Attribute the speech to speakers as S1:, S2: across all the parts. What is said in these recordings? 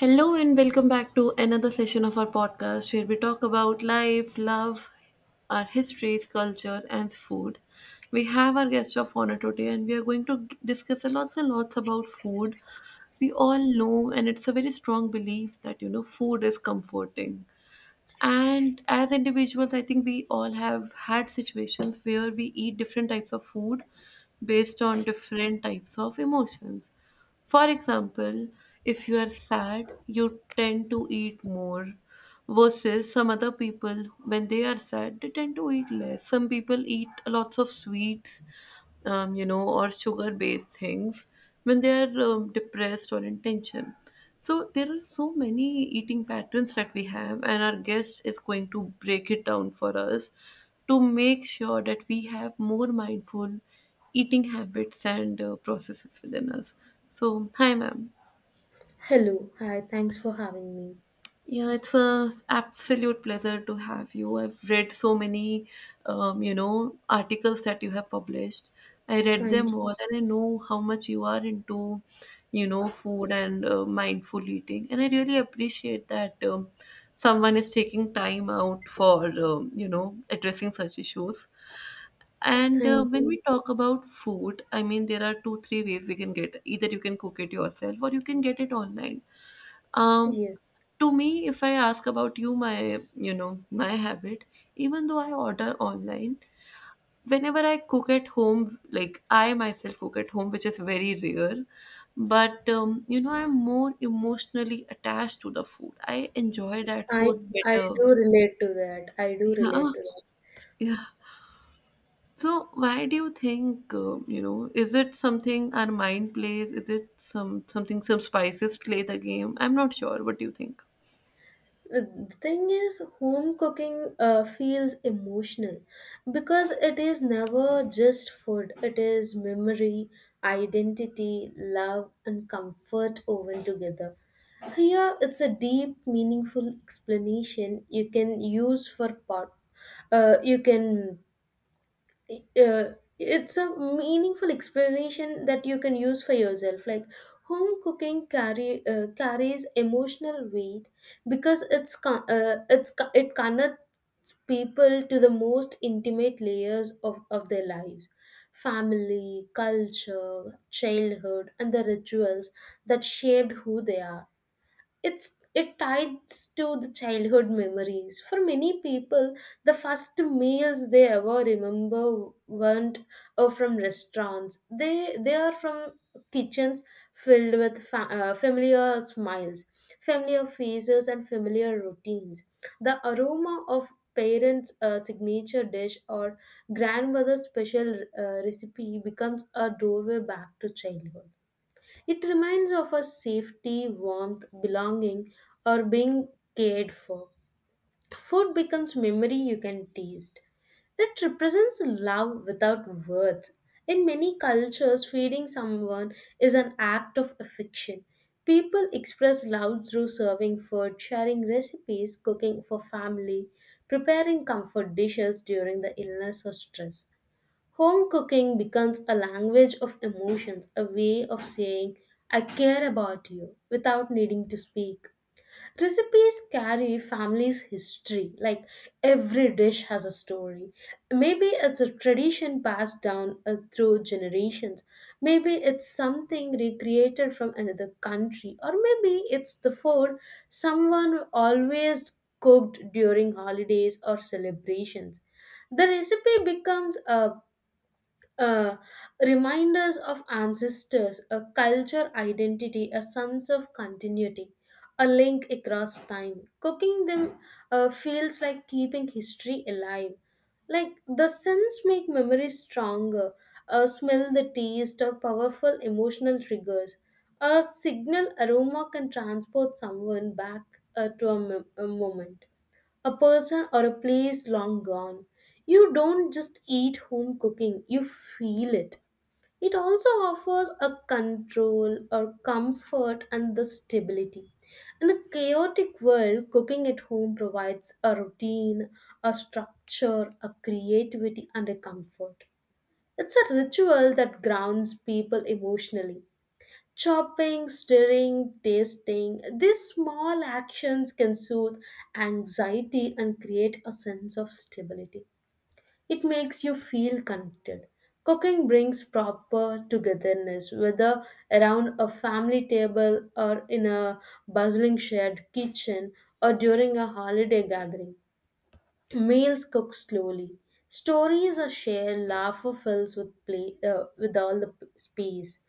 S1: Hello and welcome back to another session of our podcast where we talk about life, love, our histories, culture, and food. We have our guest of honor today and we are going to discuss a lots and lots about food. We all know, and it's a very strong belief that food is comforting. And as individuals, I think we all have had situations where we eat different types of food based on different types of emotions. For example, if you are sad, you tend to eat more versus some other people. When they are sad they tend to eat less. Some people eat lots of sweets, or sugar based things when they are depressed or in tension. So there are so many eating patterns that we have, and our guest is going to break it down for us to make sure that we have more mindful eating habits and processes within us. So, hi, ma'am.
S2: Hello. Hi. Thanks for having me.
S1: Yeah, it's a absolute pleasure to have you. I've read so many, articles that you have published. I read
S2: Thank
S1: them all, and I know how much you are into, you know, food and mindful eating. And I really appreciate that someone is taking time out for, addressing such issues.
S2: you.
S1: And
S2: Thank
S1: when
S2: you.
S1: we talk about food, I mean, there are two, three ways we can get. Either you can cook it yourself or you can get it online. Um,
S2: Yes.
S1: to me, if I ask about you, my, you know, my habit, even though I order online, whenever I cook at home, like I myself cook at home, which is very rare, but I'm more emotionally attached to the food. I enjoy that
S2: I
S1: food
S2: I
S1: better.
S2: do relate to that. I do
S1: Yeah.
S2: relate to that.
S1: Yeah. So, why do you think, Is it something our mind plays? Is it some spices play the game? I'm not sure. What do you think?
S2: The the thing is, home cooking feels emotional because it is never just food. It is memory, identity, love, and comfort woven together. Here, it's a deep, meaningful explanation you can use for pot. You can uh, it's a meaningful explanation that you can use for yourself, like home cooking carry carries emotional weight because it connects people to the most intimate layers of their lives, family, culture, childhood, and the rituals that shaped who they are. It ties to the childhood memories for many people. The first meals they ever remember weren't from restaurants. They are from kitchens filled with familiar smiles, familiar faces, and familiar routines. The aroma of parents' signature dish or grandmother's special recipe becomes a doorway back to childhood. It reminds of a safety, warmth, belonging, or being cared for. Food becomes memory you can taste. It represents love without words. In many cultures, feeding someone is an act of affection. People express love through serving food, sharing recipes, cooking for family, preparing comfort dishes during the illness or stress. Home cooking becomes a language of emotions, a way of saying, I care about you without needing to speak. Recipes carry family's history, like every dish has a story. Maybe it's a tradition passed down through generations. Maybe it's something recreated from another country. Or maybe it's the food someone always cooked during holidays or celebrations. The recipe becomes a uh, reminders of ancestors, a culture identity, a sense of continuity, a link across time. Cooking them feels like keeping history alive, like the scents make memories stronger. Smell the taste or powerful emotional triggers. A signal aroma can transport someone back to a moment, a person, or a place long gone. You don't just eat home cooking, you feel it. It also offers a control or comfort and the stability. In a chaotic world, cooking at home provides a routine, a structure, a creativity, and a comfort. It's a ritual that grounds people emotionally, chopping, stirring, tasting. These small actions can soothe anxiety and create a sense of stability. It makes you feel connected. Cooking brings proper togetherness, whether around a family table or in a bustling shared kitchen or during a holiday gathering. Meals cook slowly. Stories are shared. Laughter fills with play, with all the space.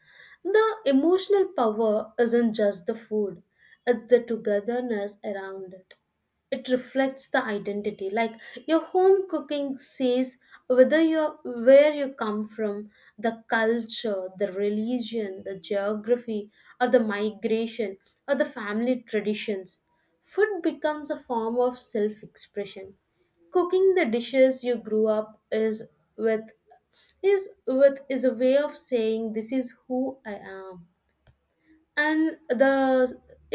S2: The emotional power isn't just the food; it's the togetherness around it. It reflects the identity, like your home cooking says whether you're where you come from, the culture, the religion, the geography, or the migration, or the family traditions. Food becomes a form of self-expression, cooking the dishes you grew up is with is with is a way of saying, this is who I am. And the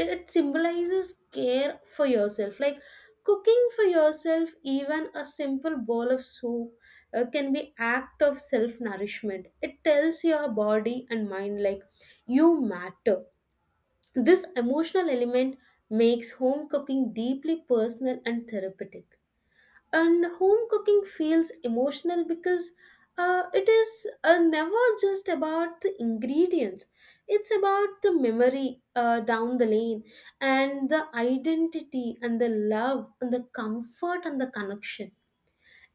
S2: it symbolizes care for yourself, like cooking for yourself, even a simple bowl of soup, can be act of self nourishment. It tells your body and mind, like you matter. This emotional element makes home cooking deeply personal and therapeutic. And home cooking feels emotional because it is never just about the ingredients. It's about the memory, down the lane, and the identity and the love and the comfort and the connection.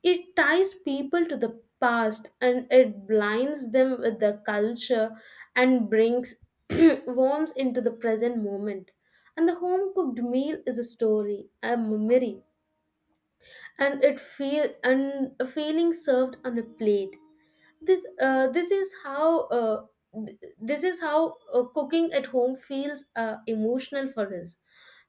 S2: It ties people to the past and it blinds them with the culture and brings warmth into the present moment. And the home cooked meal is a story, a memory, and it feel and a feeling served on a plate. This this is how cooking at home feels emotional for us.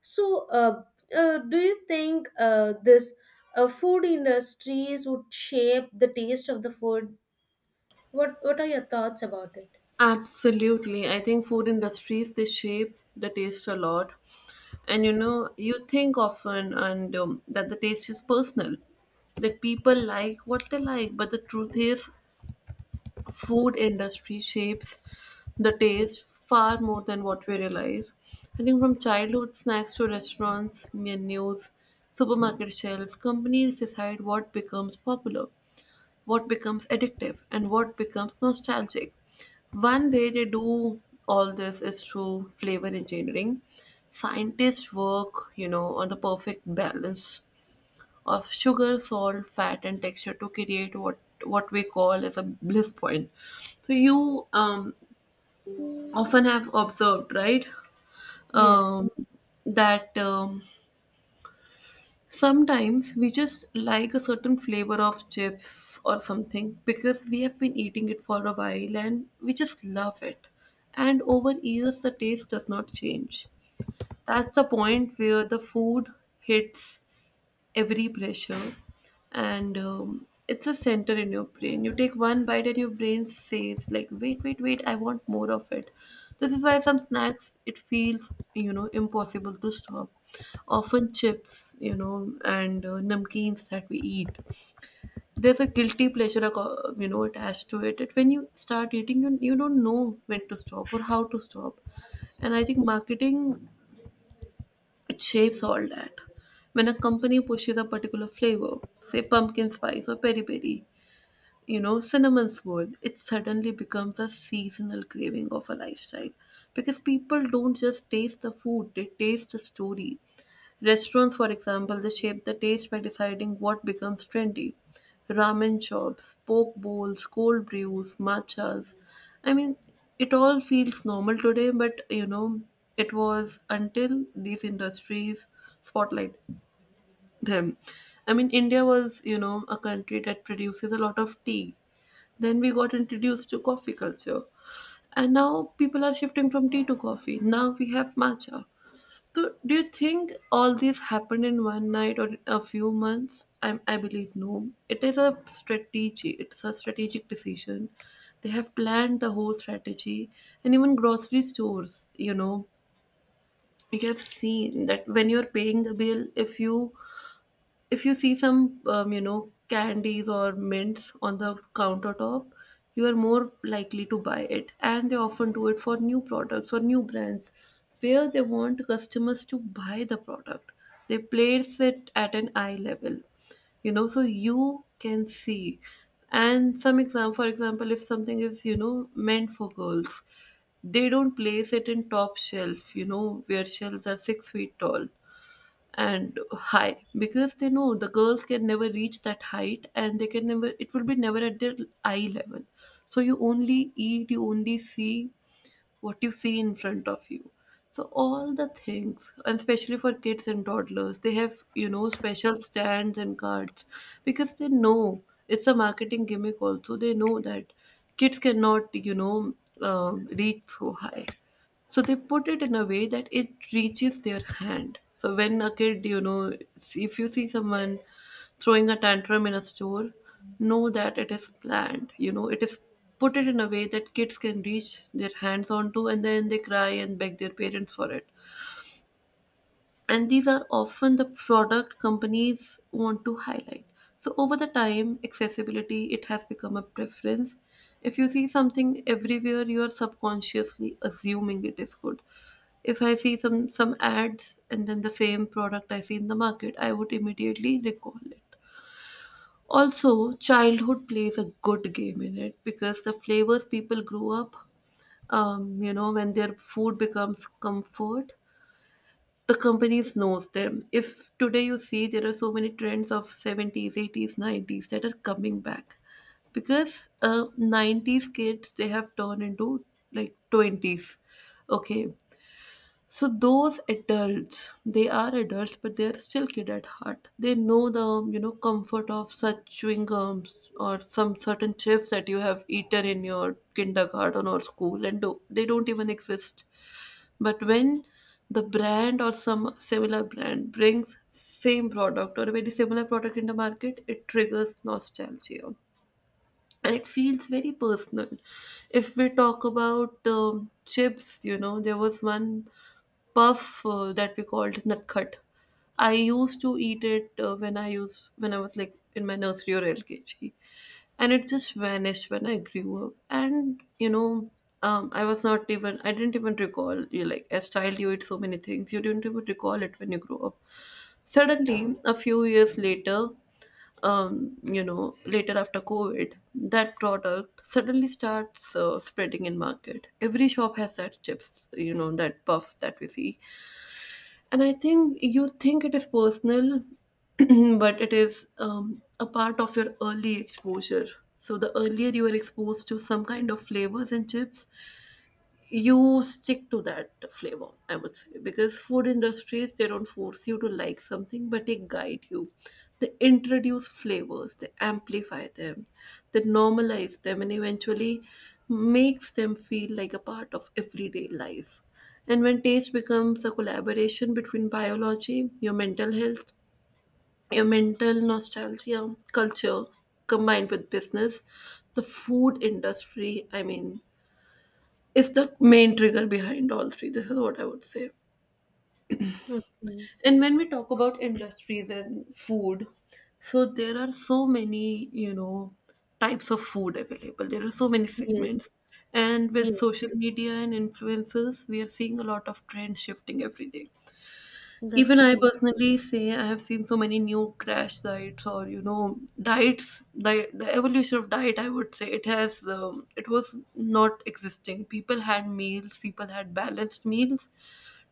S2: So do you think, this, food industries would shape the taste of the food? What are your thoughts about it?
S1: Absolutely. I think food industries they shape the taste a lot. And you know, you think often, and that the taste is personal, that people like what they like, but the truth is food industry shapes the taste far more than what we realize. I think from childhood snacks to restaurants, menus, supermarket shelves, companies decide what becomes popular, what becomes addictive, and what becomes nostalgic. One way they do all this is through flavor engineering. Scientists work, you know, on the perfect balance of sugar, salt, fat, and texture to create what we call as a bliss point. So you, often have observed, right?
S2: Yes.
S1: um, that sometimes we just like a certain flavor of chips or something because we have been eating it for a while and we just love it. And over years, the taste does not change. That's the point where the food hits every pressure, and it's a center in your brain. You take one bite and your brain says like, wait, I want more of it. This is why some snacks, it feels, you know, impossible to stop. Often chips, you know, and namkeens that we eat, there's a guilty pleasure attached to it, that when you start eating, you don't know when to stop or how to stop. And I think marketing, it shapes all that. When a company pushes a particular flavor, say pumpkin spice or peri peri, you know, cinnamon swirl, it suddenly becomes a seasonal craving of a lifestyle. Because people don't just taste the food, they taste the story. Restaurants, for example, they shape the taste by deciding what becomes trendy. Ramen shops, poke bowls, cold brews, matchas. I mean, it all feels normal today, but you know, it was until these industries spotlight them. I mean, India was, you know, a country that produces a lot of tea. Then we got introduced to coffee culture. And now people are shifting from tea to coffee. Now we have matcha. So, do you think all this happened in one night or a few months? I believe no. It is a strategy. It's a strategic decision. They have planned the whole strategy, and even grocery stores. You know, you have seen that when you are paying the bill, if you see some, candies or mints on the countertop, you are more likely to buy it. And they often do it for new products or new brands where they want customers to buy the product. They place it at an eye level, you know, so you can see. And some exam for example, if something is, you know, meant for girls, they don't place it in top shelf, you know, where shelves are 6 feet tall and high, because they know the girls can never reach that height, and they can never, it will be never at their eye level. So you only eat, you only see what you see in front of you. So all the things, and especially for kids and toddlers, they have, you know, special stands and cards, because they know it's a marketing gimmick. Also, they know that kids cannot, you know, reach so high. So they put it in a way that it reaches their hand. So when a kid, you know, if you see someone throwing a tantrum in a store, know that it is planned. You know, it is put it in a way that kids can reach their hands onto, and then they cry and beg their parents for it. And these are often the product companies want to highlight. So over the time, accessibility, it has become a preference. If you see something everywhere, you are subconsciously assuming it is good. If I see some ads, and then the same product I see in the market, I would immediately recall it. Also childhood plays a good game in it, because the flavors people grew up, when their food becomes comfort, the companies knows them. If today you see, there are so many trends of 70s 80s 90s that are coming back, because 90s kids they have turned into like 20s. Okay. So those adults, they are adults, but they are still kid at heart. They know the, you know, comfort of such chewing gums or some certain chips that you have eaten in your kindergarten or school, and they don't even exist. But when the brand or some similar brand brings same product or a very similar product in the market, it triggers nostalgia, and it feels very personal. If we talk about, chips, you know, there was one puff that we called nutcut. I used to eat it when I was like in my nursery or LKG, and it just vanished when I grew up. And you know, I didn't even recall. You like as child you eat so many things, you didn't even recall it when you grow up. Suddenly, a few years later, later after COVID, that product suddenly starts spreading in market. Every shop has that chips, you know, that puff that we see. And I think you think it is personal, but it is, a part of your early exposure. So the earlier you are exposed to some kind of flavors and chips, you stick to that flavor, I would say. Because food industries, they don't force you to like something, but they guide you. They introduce flavors, they amplify them, they normalize them, and eventually makes them feel like a part of everyday life. And when taste becomes a collaboration between biology, your mental health, your mental nostalgia, culture, combined with business, the food industry, I mean, is the main trigger behind all three. This is what I would say.
S2: Okay.
S1: And when we talk about industries and food, so there are so many, you know, types of food available. There are so many
S2: Yes.
S1: segments. And with
S2: Yes,
S1: social media and influencers, we are seeing a lot of trend shifting every day.
S2: that's
S1: Even I
S2: true.
S1: personally say I have seen so many new crash diets, or you know, diets. The evolution of diet, I would say, it has, it was not existing. People had meals, people had balanced meals,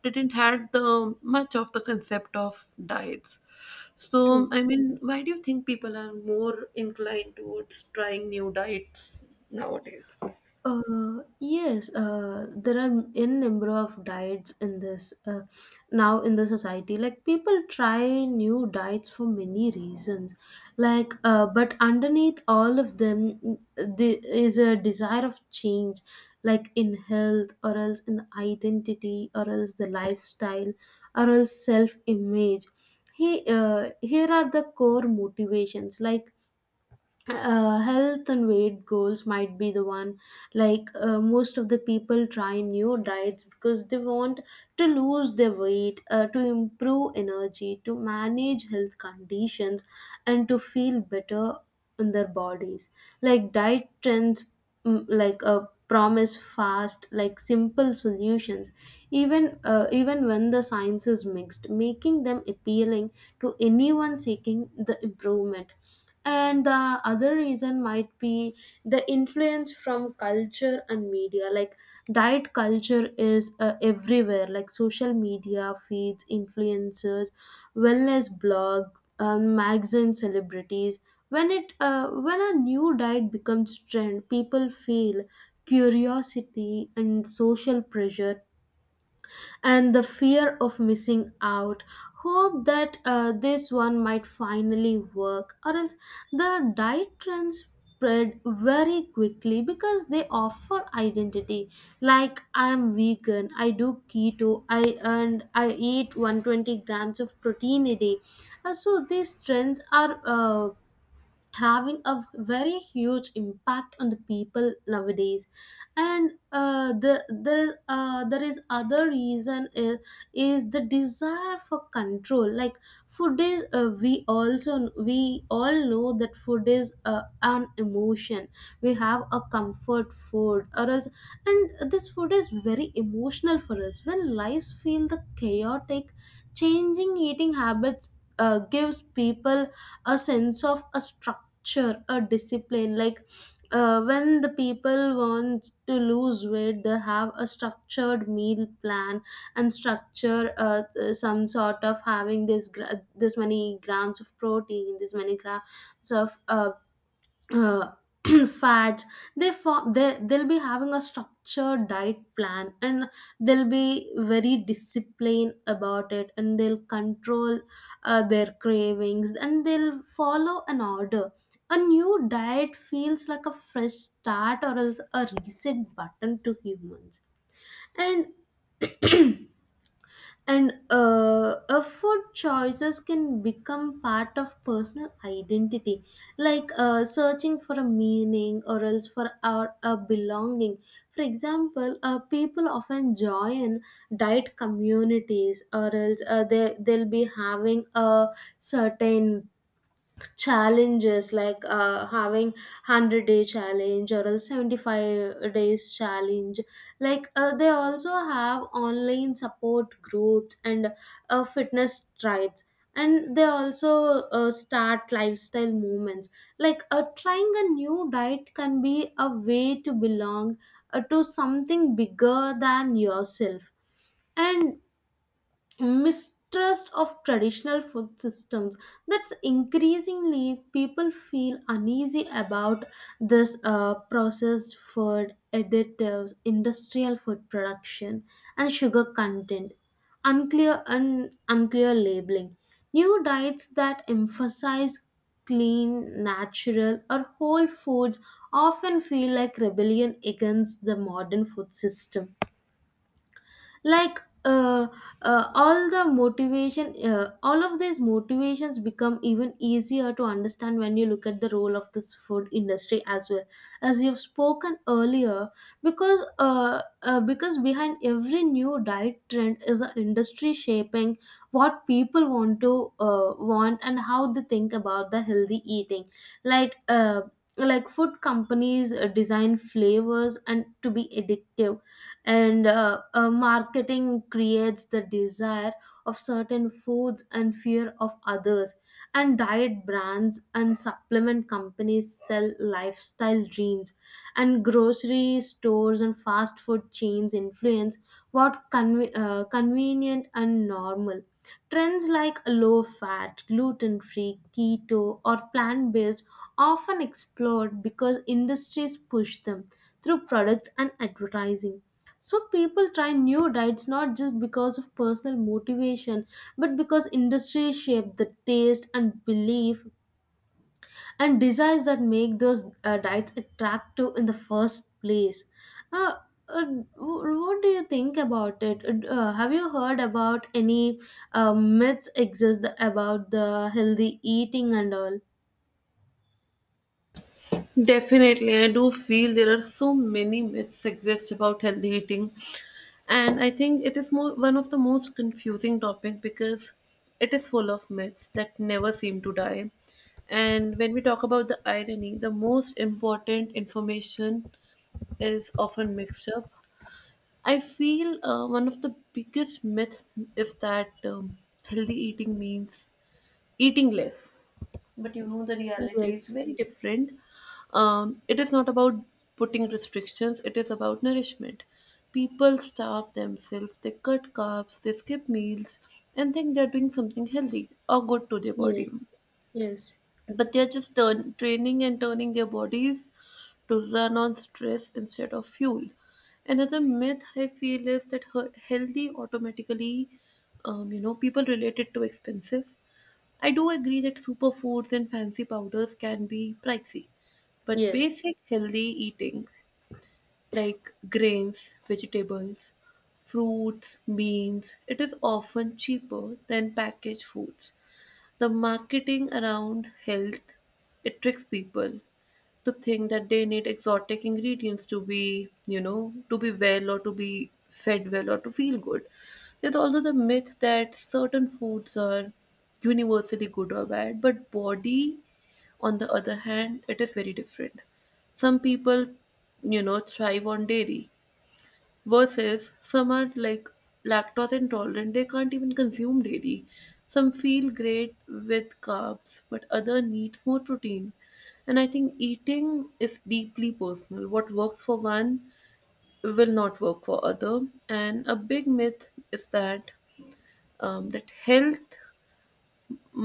S1: didn't had the much of the concept of diets. So
S2: True.
S1: I mean, why do you think people are more inclined towards trying new diets nowadays?
S2: Yes, there are n number of diets in this now in the society. Like, people try new diets for many reasons. Like, but underneath all of them, there is a desire of change, like in health, or else in identity, or else the lifestyle, or else self image. Here are the core motivations, like health and weight goals might be the one. Like most of the people try new diets because they want to lose their weight, to improve energy, to manage health conditions, and to feel better in their bodies, like diet trends, like a promise fast, like simple solutions, even even when the science is mixed, making them appealing to anyone seeking the improvement. And the other reason might be the influence from culture and media, like diet culture is everywhere, like social media feeds, influencers, wellness blogs, mags, and celebrities. When a new diet becomes trend, people feel curiosity and social pressure and the fear of missing out. Hope that this one might finally work, or else the diet trends spread very quickly because they offer identity, like I am vegan, I do keto, I and I eat 120 grams of protein a day. So these trends are, having a very huge impact on the people nowadays. And there is other reason is the desire for control, like food is, we all know that food is, an emotion. We have a comfort food, or else, and this food is very emotional for us when lives feel the chaotic, changing eating habits gives people a sense of a structure, a discipline, like when the people want to lose weight, they have a structured meal plan and structure, some sort of having this many grams of protein, this many grams of, uh, fats. They for they they'll be having a structured diet plan, and they'll be very disciplined about it, and they'll control their cravings, and they'll follow an order. A new diet feels like a fresh start or else a reset button to humans. And a food choices can become part of personal identity, like searching for a meaning, or else for our a belonging. For example, people often join diet communities, or else they'll be having a certain challenges, like having 100-day challenge or else 75 days challenge. Like they also have online support groups, and fitness tribes, and they also start lifestyle movements, like trying a new diet can be a way to belong, to something bigger than yourself. And mistrust of traditional food systems, that's increasingly, people feel uneasy about this, processed food additives, industrial food production, and sugar content, unclear and unclear labeling. New diets that emphasize clean, natural, or whole foods often feel like rebellion against the modern food system. Like uh, all the motivation all of these motivations become even easier to understand when you look at the role of this food industry as well, as you've spoken earlier, because behind every new diet trend is an industry shaping what people want to want and how they think about the healthy eating, like like food companies design flavors and to be addictive, and marketing creates the desire of certain foods and fear of others, and diet brands and supplement companies sell lifestyle dreams, and grocery stores and fast food chains influence what convenient and normal. Trends like low fat, gluten free, keto, or plant based often explode because industries push them through products and advertising. So people try new diets not just because of personal motivation, but because industry shape the taste and belief and desires that make those diets attractive in the first place. Uh, uh, what do you think about it? Have you heard about any myths exist about the healthy eating and all?
S1: Definitely, I do feel there are so many myths exist about healthy eating, and I think it is more one of the most confusing topics because it is full of myths that never seem to die. And when we talk about the irony, the most important information is often mixed up. I feel one of the biggest myths is that healthy eating means eating less, but you know the reality is
S2: Yes,
S1: very different. It is not about putting restrictions, it is about nourishment. People starve themselves, they cut carbs, they skip meals and think they're doing something healthy or good to their body,
S2: yes, yes,
S1: but they're just training and turning their bodies to run on stress instead of fuel. Another myth I feel is that healthy automatically, you know, people relate it to expensive. I do agree that superfoods and fancy powders can be pricey, but
S2: yes,
S1: basic healthy eating like grains, vegetables, fruits, beans, it is often cheaper than packaged foods. The marketing around health, it tricks people to think that they need exotic ingredients to be, to be well or to be fed well or to feel good. There's also the myth that certain foods are universally good or bad, but body, on the other hand, it is very different. Some people, thrive on dairy, versus some are like lactose intolerant, they can't even consume dairy. Some feel great with carbs but other needs more protein. And I think eating is deeply personal, what works for one will not work for other. And a big myth is that that health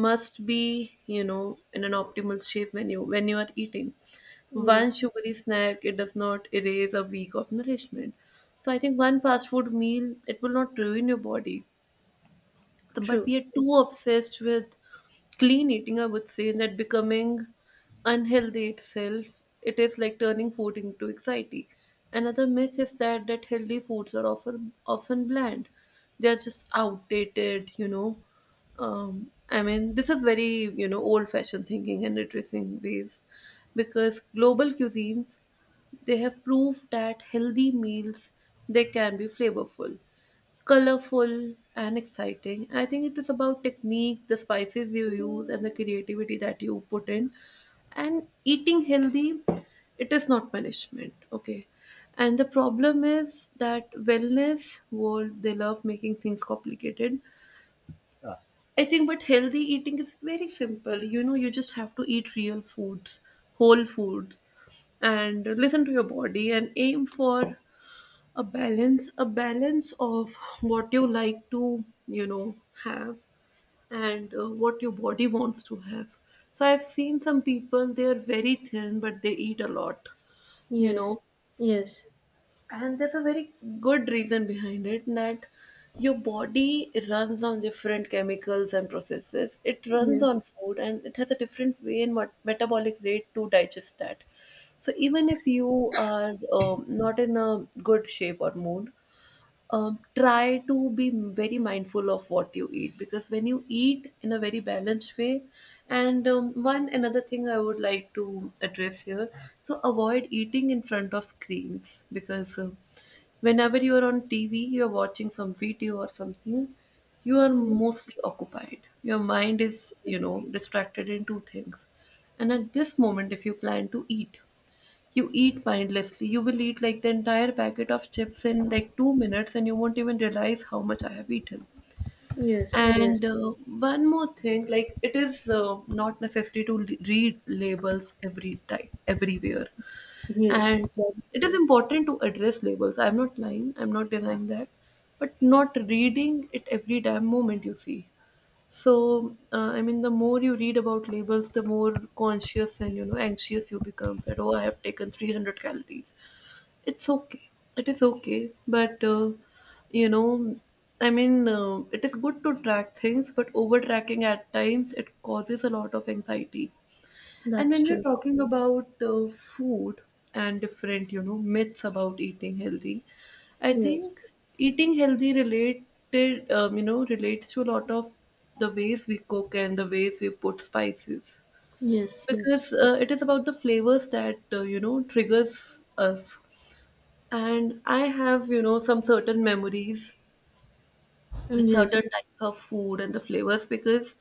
S1: must be, in an optimal shape when you are eating. One
S2: yes.
S1: sugary snack, it does not erase a week of nourishment. So I think one fast food meal, it will not ruin your body, but
S2: True.
S1: we are too obsessed with clean eating, I would say, that becoming unhealthy itself, it is like turning food into anxiety. Another myth is that healthy foods are often bland. They are just outdated, you know. I mean, this is very, you know, old-fashioned thinking and addressing ways, because global cuisines, they have proved that healthy meals, they can be flavorful, colorful and exciting. I think it is about technique, the spices you use, and the creativity that you put in. And eating healthy, it is not punishment. Okay. And the problem is that wellness world, they love making things complicated, I think, but healthy eating is very simple. You know, you just have to eat real foods, whole foods, and listen to your body and aim for a balance of what you like to, you know, have, and what your body wants to have. So I've seen some people, they are very thin but they eat a lot, you
S2: Yes,
S1: know,
S2: yes,
S1: and there's a very good reason behind it, that your body runs on different chemicals and processes, it runs
S2: yes.
S1: on food and it has a different way and metabolic rate to digest that. So even if you are not in a good shape or mood, try to be very mindful of what you eat, because when you eat in a very balanced way. And one another thing I would like to address here, so avoid eating in front of screens, because whenever you are on TV, you are watching some video or something, you are mostly occupied, your mind is, you know, distracted in two things, and at this moment if you plan to eat, you eat mindlessly. You will eat like the entire packet of chips in like 2 minutes, and you won't even realize how much I have eaten.
S2: Yes, yes,
S1: And one more thing, like it is not necessary to read labels every time, everywhere,
S2: yes,
S1: and
S2: that's
S1: it is
S2: true.
S1: important to address labels. I'm not lying, I'm not denying that, but not reading it every damn moment you see. So, I mean, the more you read about labels, the more conscious and, you know, anxious you become. That oh, I have taken 300 calories. It's okay. It is okay. But you know, I mean, it is good to track things, but over tracking at times it causes a lot of anxiety. And
S2: That's
S1: when we're
S2: true.
S1: talking about food and different, you know, myths about eating healthy, I
S2: Yes,
S1: think eating healthy related, you know, relates to a lot of the ways we cook and the ways we put spices,
S2: yes, yes,
S1: because it is about the flavors that, you know, triggers us. And I have, you know, some certain memories with
S2: yes.
S1: certain types of food and the flavors, because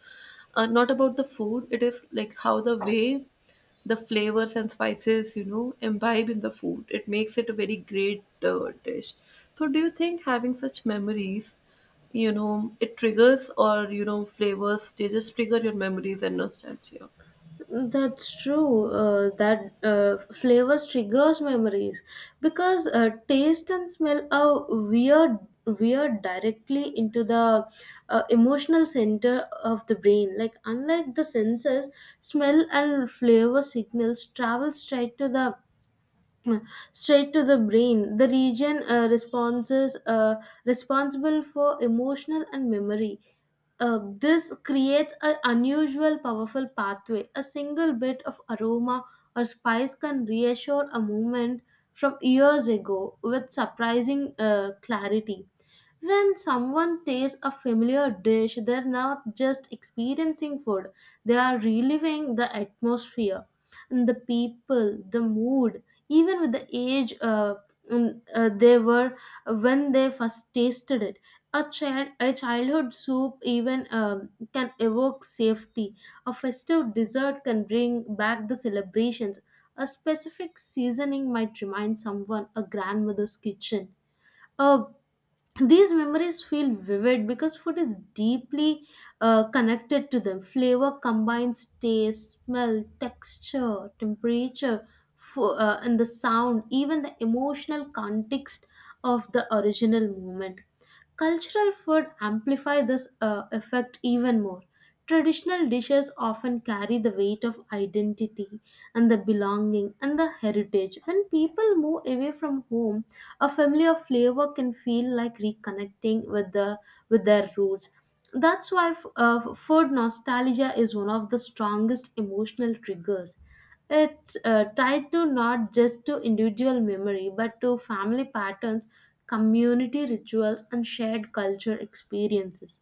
S1: not about the food, it is like how the way the flavors and spices, you know, imbibe in the food, it makes it a very great dish. So do you think having such memories, you know, it triggers, or you know, flavors, they just trigger your memories and nostalgia?
S2: That's true. That, flavors triggers memories because, taste and smell are weird, directly into the, emotional center of the brain. Like, unlike the senses, smell and flavor signals travel straight to the brain, the region, responses responsible for emotional and memory. uh, this creates an unusual powerful pathway. A single bit of aroma or spice can reassure a moment from years ago with surprising clarity. When someone tastes a familiar dish, they're not just experiencing food, they are reliving the atmosphere and the people, the mood, even with the age, they were when they first tasted it. A childhood soup, even can evoke safety. A festive dessert can bring back the celebrations. A specific seasoning might remind someone a grandmother's kitchen. A these memories feel vivid because food is deeply connected to them. Flavor combines taste, smell, texture, temperature, and the sound, even the emotional context of the original moment. Cultural food amplify this effect even more. Traditional dishes often carry the weight of identity and the belonging and the heritage. When people move away from home, a familiar flavor can feel like reconnecting with their roots. That's why food nostalgia is one of the strongest emotional triggers. It's tied to not just to individual memory but to family patterns, community rituals, and shared culture experiences.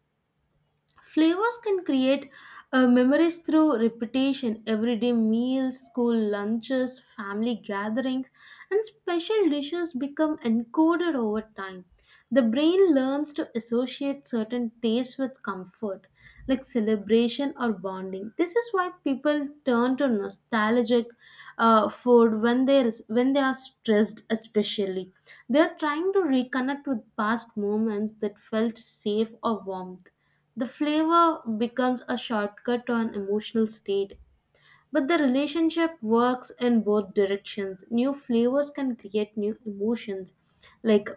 S2: Flavors can create memories through repetition, everyday meals, school lunches, family gatherings, and special dishes become encoded over time. The brain learns to associate certain tastes with comfort, like celebration or bonding. This is why people turn to nostalgic food when they are stressed, especially. They are trying to reconnect with past moments that felt safe or warmth. The flavor becomes a shortcut to an emotional state. But the relationship works in both directions. New flavors can create new emotions, like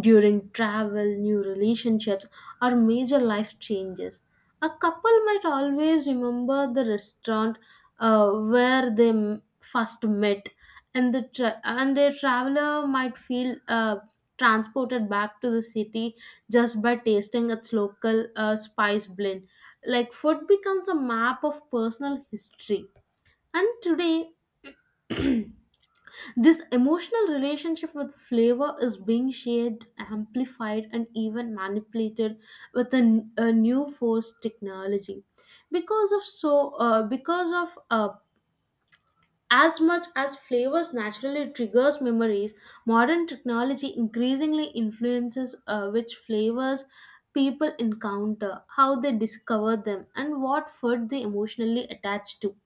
S2: during travel, new relationships, or major life changes. A couple might always remember the restaurant where they first met, and and a traveler might feel transported back to the city just by tasting its local spice blend. Like food becomes a map of personal history. And today, this emotional relationship with flavor is being shared, amplified, and even manipulated with a new force technology. Because of so, because of As much as flavors naturally triggers memories, modern technology increasingly influences, which flavors people encounter, how they discover them, and what food they emotionally attach to.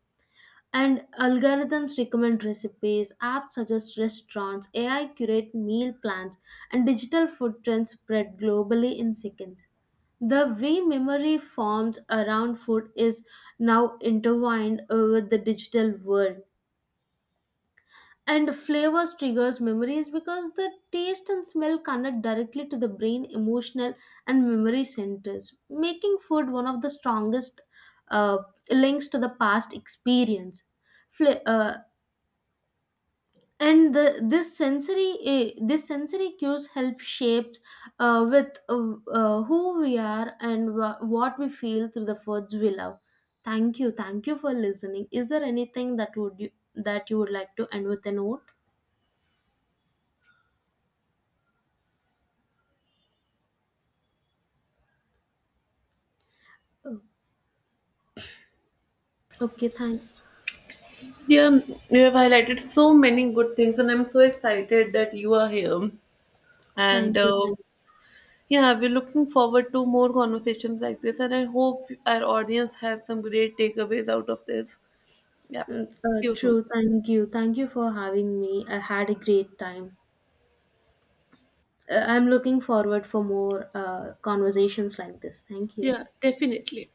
S2: And algorithms recommend recipes, apps suggest restaurants, AI curate meal plans, and digital food trends spread globally in seconds. The way memory forms around food is now intertwined, with the digital world. And flavors triggers memories because the taste and smell connect directly to the brain, emotional, and memory centers, making food one of the strongest, uh, links to the past experience. Fla- uh, and the, this sensory eh, this sensory cues help shape, with who we are and what we feel through the foods we love. Thank you. Thank you for listening. Is there anything that you would like to end with a note? Oh, okay. thank
S1: Yeah, you have highlighted so many good things and I'm so excited that you are here. And
S2: thank you. Thank.
S1: yeah, we're looking forward to more conversations like this, and I hope our audience has some great takeaways out of this. Yeah, see you soon.
S2: True. Thank you. Thank you for having me. I had a great time. I'm looking forward for more conversations like this. Thank you.
S1: Yeah, definitely.